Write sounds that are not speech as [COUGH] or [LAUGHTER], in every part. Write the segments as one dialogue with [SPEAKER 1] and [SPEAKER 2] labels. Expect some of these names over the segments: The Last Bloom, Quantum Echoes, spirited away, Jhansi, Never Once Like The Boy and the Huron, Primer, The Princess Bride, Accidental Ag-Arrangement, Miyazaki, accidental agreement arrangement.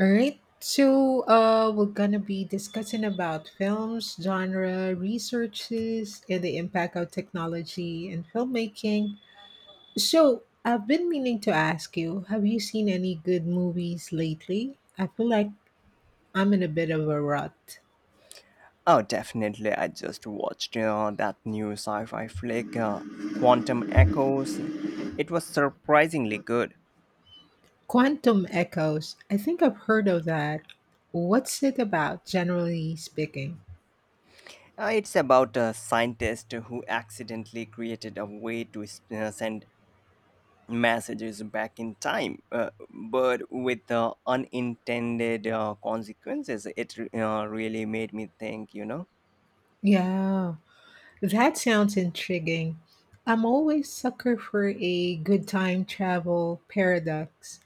[SPEAKER 1] All right. We're gonna be discussing about films, genre, researches, and the impact of technology in filmmaking. So, I've been meaning to ask you, have you seen any good movies lately? I feel like I'm in a bit of a rut.
[SPEAKER 2] Oh, definitely. I just watched that new sci fi flick, Quantum Echoes. It was surprisingly good.
[SPEAKER 1] Quantum Echoes. I think I've heard of that. What's it about, generally speaking?
[SPEAKER 2] It's about a scientist who accidentally created a way to send messages back in time, but with unintended consequences. Really made me think.
[SPEAKER 1] Yeah, that sounds intriguing. I'm always sucker for a good time travel paradox.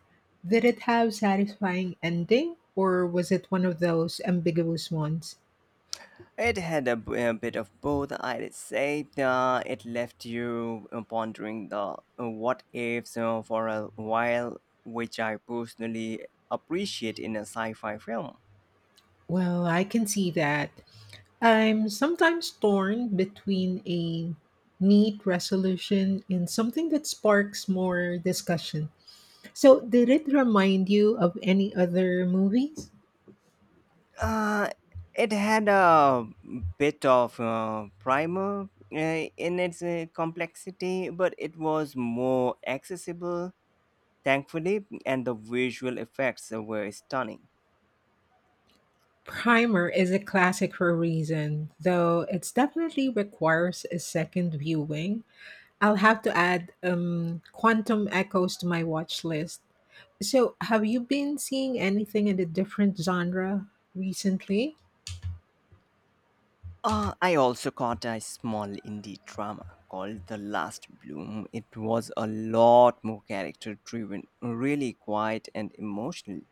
[SPEAKER 1] Did it have satisfying ending or was it one of those ambiguous ones?
[SPEAKER 2] It had a bit of both, I'd say. It left you pondering the what ifs for a while, which I personally appreciate in a sci fi film.
[SPEAKER 1] Well, I can see that. I'm sometimes torn between a neat resolution and something that sparks more discussion. So, did it remind you of any other movies?
[SPEAKER 2] Uh, it had a bit of primer in its complexity, but it was more accessible, thankfully, and the visual effects were stunning.
[SPEAKER 1] Primer is a classic for a reason, though it definitely requires a second viewing. I'll have to add Quantum Echoes to my watch list. So, have you been seeing anything in a different genre recently?
[SPEAKER 2] I also caught a small indie drama called The Last Bloom. It was a lot more character driven, really quiet and emotional.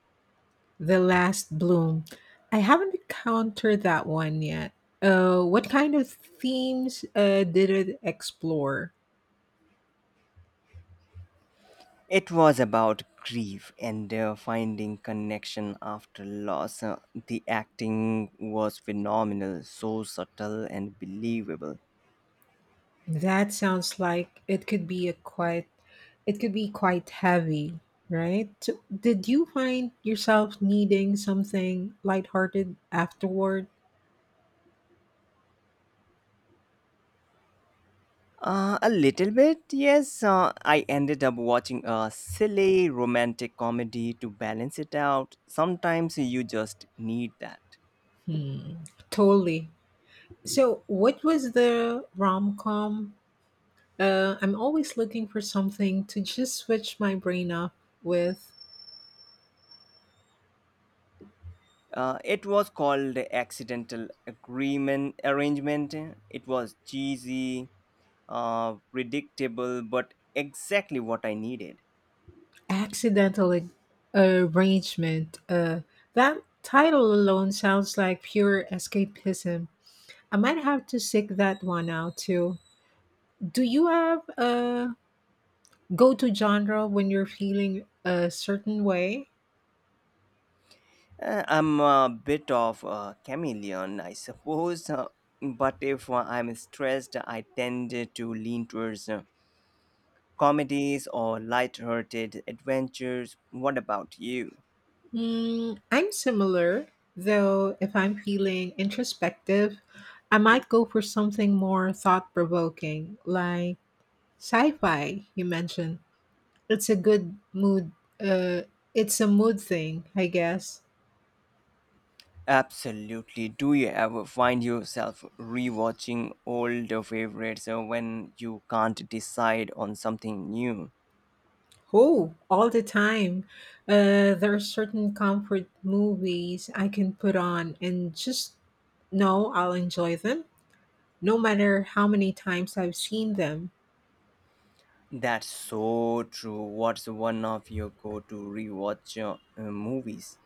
[SPEAKER 1] The Last Bloom. I haven't encountered that one yet. What kind of themes did it explore?
[SPEAKER 2] It was about grief and finding connection after loss. The acting was phenomenal, so subtle and believable.
[SPEAKER 1] That sounds like it could be a quite it could be quite heavy, right? So did you find yourself needing something lighthearted afterward?
[SPEAKER 2] A little bit, yes. I ended up watching a silly romantic comedy to balance it out. Sometimes you just need that.
[SPEAKER 1] Hmm. Totally. So, what was the rom com? I'm always looking for something to just switch my brain off with.
[SPEAKER 2] It was called accidental agreement arrangement. It was cheesy, predictable, but exactly what I needed.
[SPEAKER 1] Accidental Ag- Arrangement. That title alone sounds like pure escapism. I might have to seek that one out too. Do you have a go to genre when you're feeling a certain way?
[SPEAKER 2] I'm a bit of a chameleon, I suppose, but if I'm stressed, I tend to lean towards comedies or light-hearted adventures. What about you?
[SPEAKER 1] Mm, I'm similar, though, if I'm feeling introspective, I might go for something more thought provoking, like sci fi, you mentioned. That's a good mood. Uh, it's a mood thing, I guess.
[SPEAKER 2] Absolutely. Do you ever find yourself rewatching older favorites when you can't decide on something new?
[SPEAKER 1] Oh, all the time. There are certain comfort movies I can put on and just know I'll enjoy them, no matter how many times I've seen them.
[SPEAKER 2] That's so true. What's one of your go-to rewatch movies?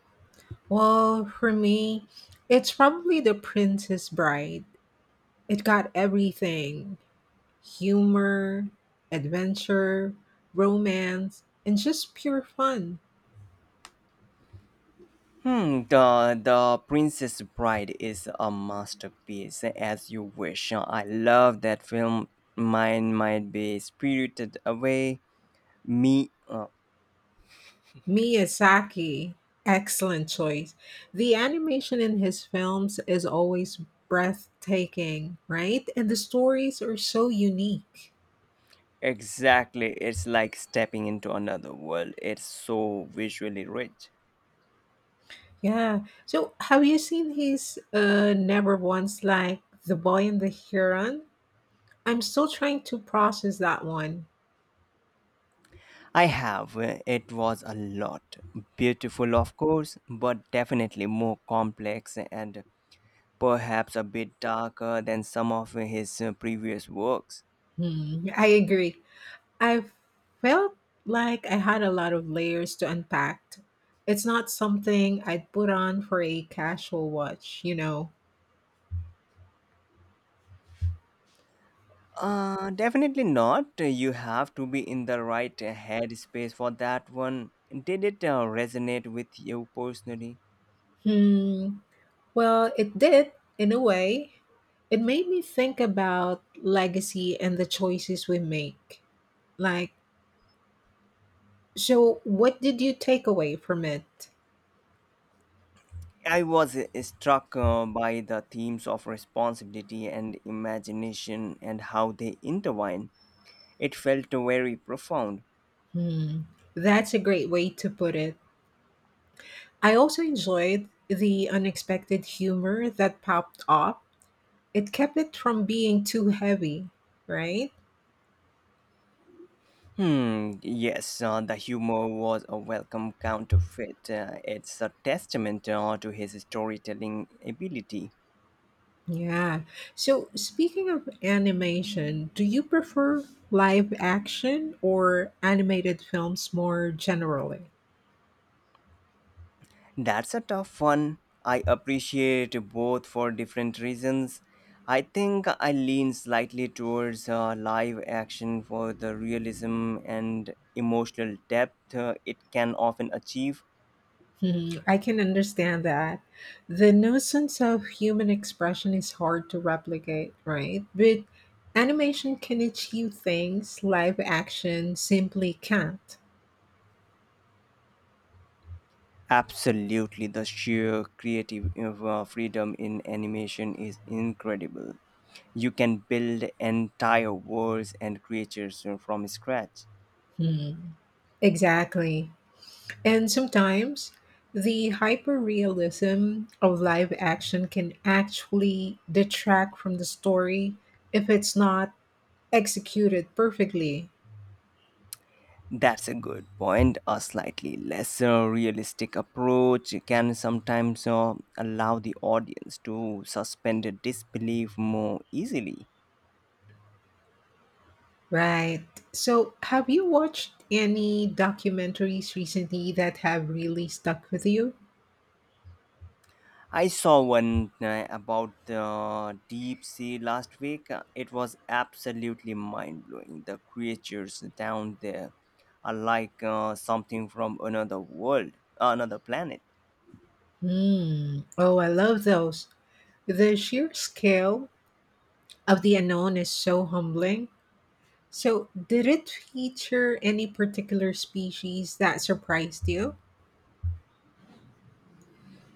[SPEAKER 1] Well, for me, it's probably The Princess Bride. It got everything humor, adventure, romance, and just pure fun.
[SPEAKER 2] Hmm, The Princess Bride is a masterpiece. As you wish. I love that film. Mine might be spirited away. Me.
[SPEAKER 1] Miyazaki, excellent choice. The animation in his films is always breathtaking, right? And the stories are so unique.
[SPEAKER 2] Exactly. It's like stepping into another world. It's so visually rich.
[SPEAKER 1] Yeah. So, have you seen his Never Once Like The Boy and the Huron? I'm still trying to process that one.
[SPEAKER 2] I have. It was a lot. Beautiful, of course, but definitely more complex and perhaps a bit darker than some of his previous works.
[SPEAKER 1] Hmm, I agree. I felt like I had a lot of layers to unpack. It's not something I'd put on for a casual watch.
[SPEAKER 2] Definitely not. You have to be in the right headspace for that one. Did it resonate with you personally?
[SPEAKER 1] Hmm. Well, it did, in a way. It made me think about legacy and the choices we make. Like, so what did you take away from it?
[SPEAKER 2] I was struck by the themes of responsibility and imagination and how they intertwine. It felt very profound.
[SPEAKER 1] Hmm, that's a great way to put it. I also enjoyed the unexpected humor that popped up. It kept it from being too heavy, right?
[SPEAKER 2] Hmm, yes, the humor was a welcome counterfeit. It's a testament to his storytelling ability.
[SPEAKER 1] Yeah. So, speaking of animation, do you prefer live action or animated films more generally?
[SPEAKER 2] That's a tough one. I appreciate both for different reasons. I think I lean slightly towards live action for the realism and emotional depth it can often achieve.
[SPEAKER 1] Mhm, I can understand that. The notions of human expression is hard to replicate, right? But animation can achieve things live action simply can't.
[SPEAKER 2] Absolutely, the sheer creative freedom in animation is incredible. You can build entire worlds and creatures from scratch.
[SPEAKER 1] Mhm. Exactly. And sometimes the hyperrealism of live action can actually detract from the story if it's not executed perfectly.
[SPEAKER 2] That's a good point. A slightly less realistic approach can sometimes allow the audience to suspend disbelief more easily.
[SPEAKER 1] Right. So, have you watched any documentaries recently that have really stuck with you?
[SPEAKER 2] I saw one about the deep sea last week. It was absolutely mind blowing. The creatures down there are like something from another world, another planet.
[SPEAKER 1] Hmm. Oh, I love those. The sheer scale of the unknown is so humbling. So, did it feature any particular species that surprised you?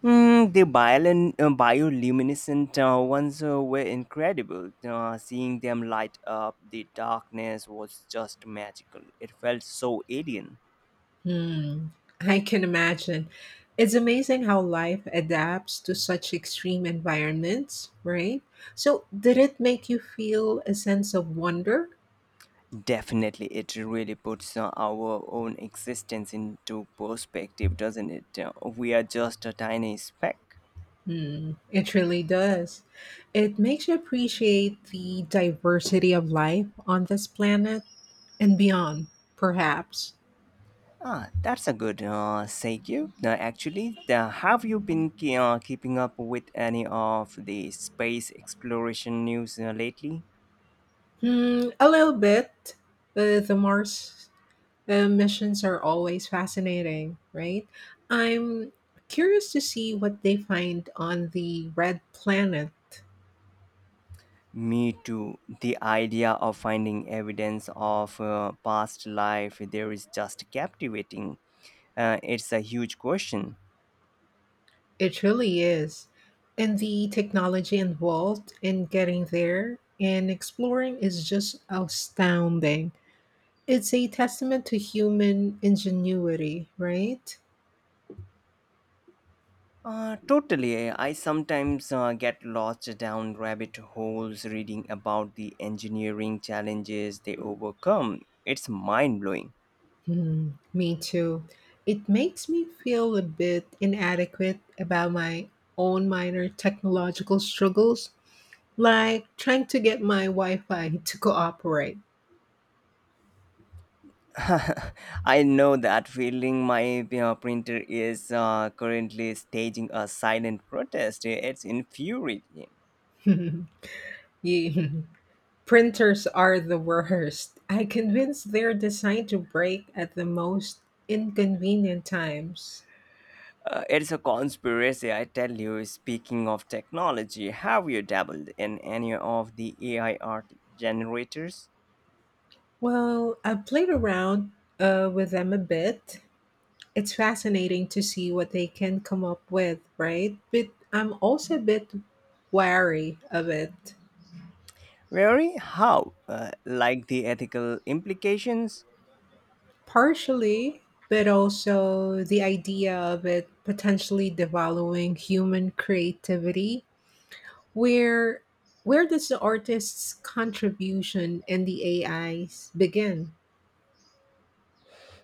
[SPEAKER 2] Mm, the bioluminescent ones were incredible. Seeing them light up the darkness was just magical. It felt so alien.
[SPEAKER 1] Hmm. I can imagine. It's amazing how life adapts to such extreme environments, right? So, did it make you feel a sense of wonder?
[SPEAKER 2] Definitely, it really puts our own existence into perspective, doesn't it? We are just a tiny speck.
[SPEAKER 1] Hmm, it really does. It makes you appreciate the diversity of life on this planet and beyond, perhaps.
[SPEAKER 2] Ah, that's a good segue. Actually, have you been keeping up with any of the space exploration news lately?
[SPEAKER 1] Hmm, a little bit. The Mars missions are always fascinating, right? I'm curious to see what they find on the red planet.
[SPEAKER 2] Me too. The idea of finding evidence of past life there is just captivating. It's a huge question.
[SPEAKER 1] It really is. And the technology involved in getting there and exploring is just astounding. It's a testament to human ingenuity, right?
[SPEAKER 2] Totally. I sometimes get lost down rabbit holes reading about the engineering challenges they overcome. It's mind blowing.
[SPEAKER 1] Hmm, me too. It makes me feel a bit inadequate about my own minor technological struggles, like trying to get my Wi Fi to cooperate. [LAUGHS]
[SPEAKER 2] [LAUGHS] I know that feeling. My printer is currently staging a silent protest. It's infuriating.
[SPEAKER 1] Yeah. Printers are the worst. I convinced they're designed to break at the most inconvenient times.
[SPEAKER 2] It's a conspiracy, I tell you. Speaking of technology, have you dabbled in any of the AI art generators?
[SPEAKER 1] Well, I played around with them a bit, it's fascinating to see what they can come up with, right? But I'm also a bit wary of it,
[SPEAKER 2] Really? How? Like the ethical implications?
[SPEAKER 1] partially, but also the idea of it potentially devaluing human creativity. Where where does the artist's contribution and the AI's begin?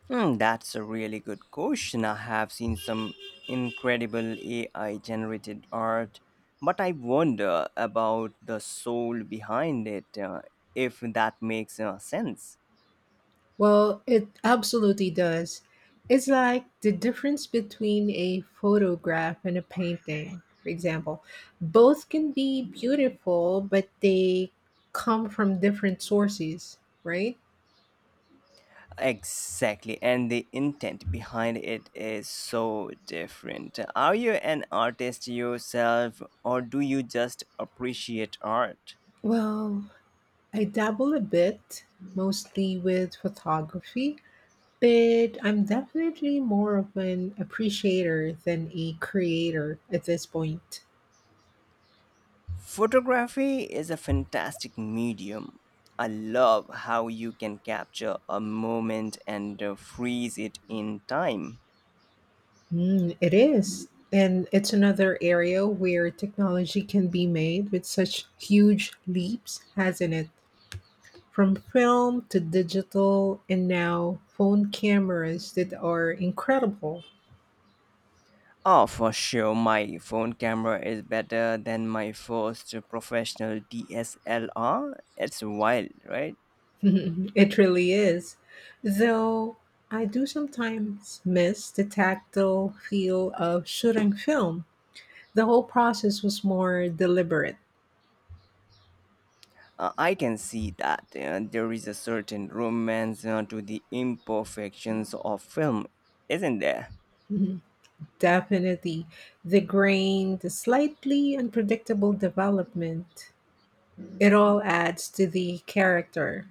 [SPEAKER 2] Hmm, that's a really good question. I have seen some incredible AI generated art, but I wonder about the soul behind it, if that makes sense.
[SPEAKER 1] Well, it absolutely does. It's like the difference between a photograph and a painting, for example. Both can be beautiful, but they come from different sources, right?
[SPEAKER 2] Exactly, and the intent behind it is so different. Are you an artist yourself, or do you just appreciate art?
[SPEAKER 1] Well, I dabble a bit, mostly with photography, but I'm definitely more of an appreciator than a creator at this point.
[SPEAKER 2] Photography is a fantastic medium. I love how you can capture a moment and freeze it in time.
[SPEAKER 1] Mm, it is. And it's another area where technology can be made with such huge leaps, hasn't it? From film to digital, and now phone cameras that are incredible.
[SPEAKER 2] Oh, for sure, my phone camera is better than my first professional DSLR. It's wild, right?
[SPEAKER 1] [LAUGHS] It really is. Though I do sometimes miss the tactile feel of shooting film. The whole process was more deliberate.
[SPEAKER 2] I can see that there is a certain romance to the imperfections of film, isn't there?
[SPEAKER 1] [LAUGHS] Definitely. The grain, the slightly unpredictable development, it all adds to the character.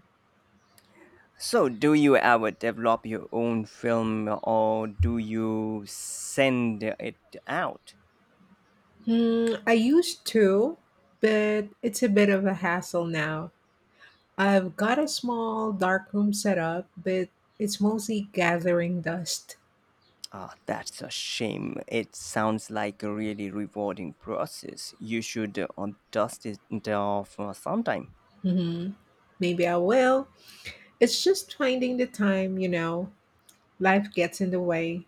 [SPEAKER 2] So, do you ever develop your own film or do you send it out?
[SPEAKER 1] Hmm, I used to, but it's a bit of a hassle now. I've got a small dark room set up, but it's mostly gathering dust.
[SPEAKER 2] Ah, that's a shame. It sounds like a really rewarding process. You should dust it off sometime.
[SPEAKER 1] Hmm. Maybe I will. It's just finding the time, you know. Life gets in the way.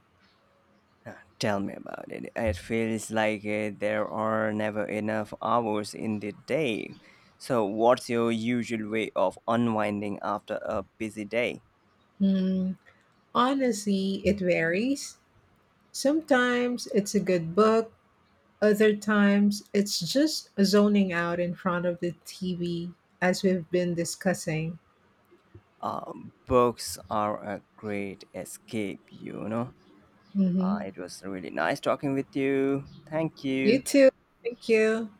[SPEAKER 2] Tell me about it. It feels like there are never enough hours in the day. So, what's your usual way of unwinding after a busy day?
[SPEAKER 1] Hmm. Honestly, it varies. Sometimes it's a good book. Other times, it's just zoning out in front of the TV, as we've been discussing.
[SPEAKER 2] Uh, Books are a great escape, you know.
[SPEAKER 1] Hmm.
[SPEAKER 2] It was really nice talking with you. Thank
[SPEAKER 1] You
[SPEAKER 2] you.
[SPEAKER 1] too. Thank you.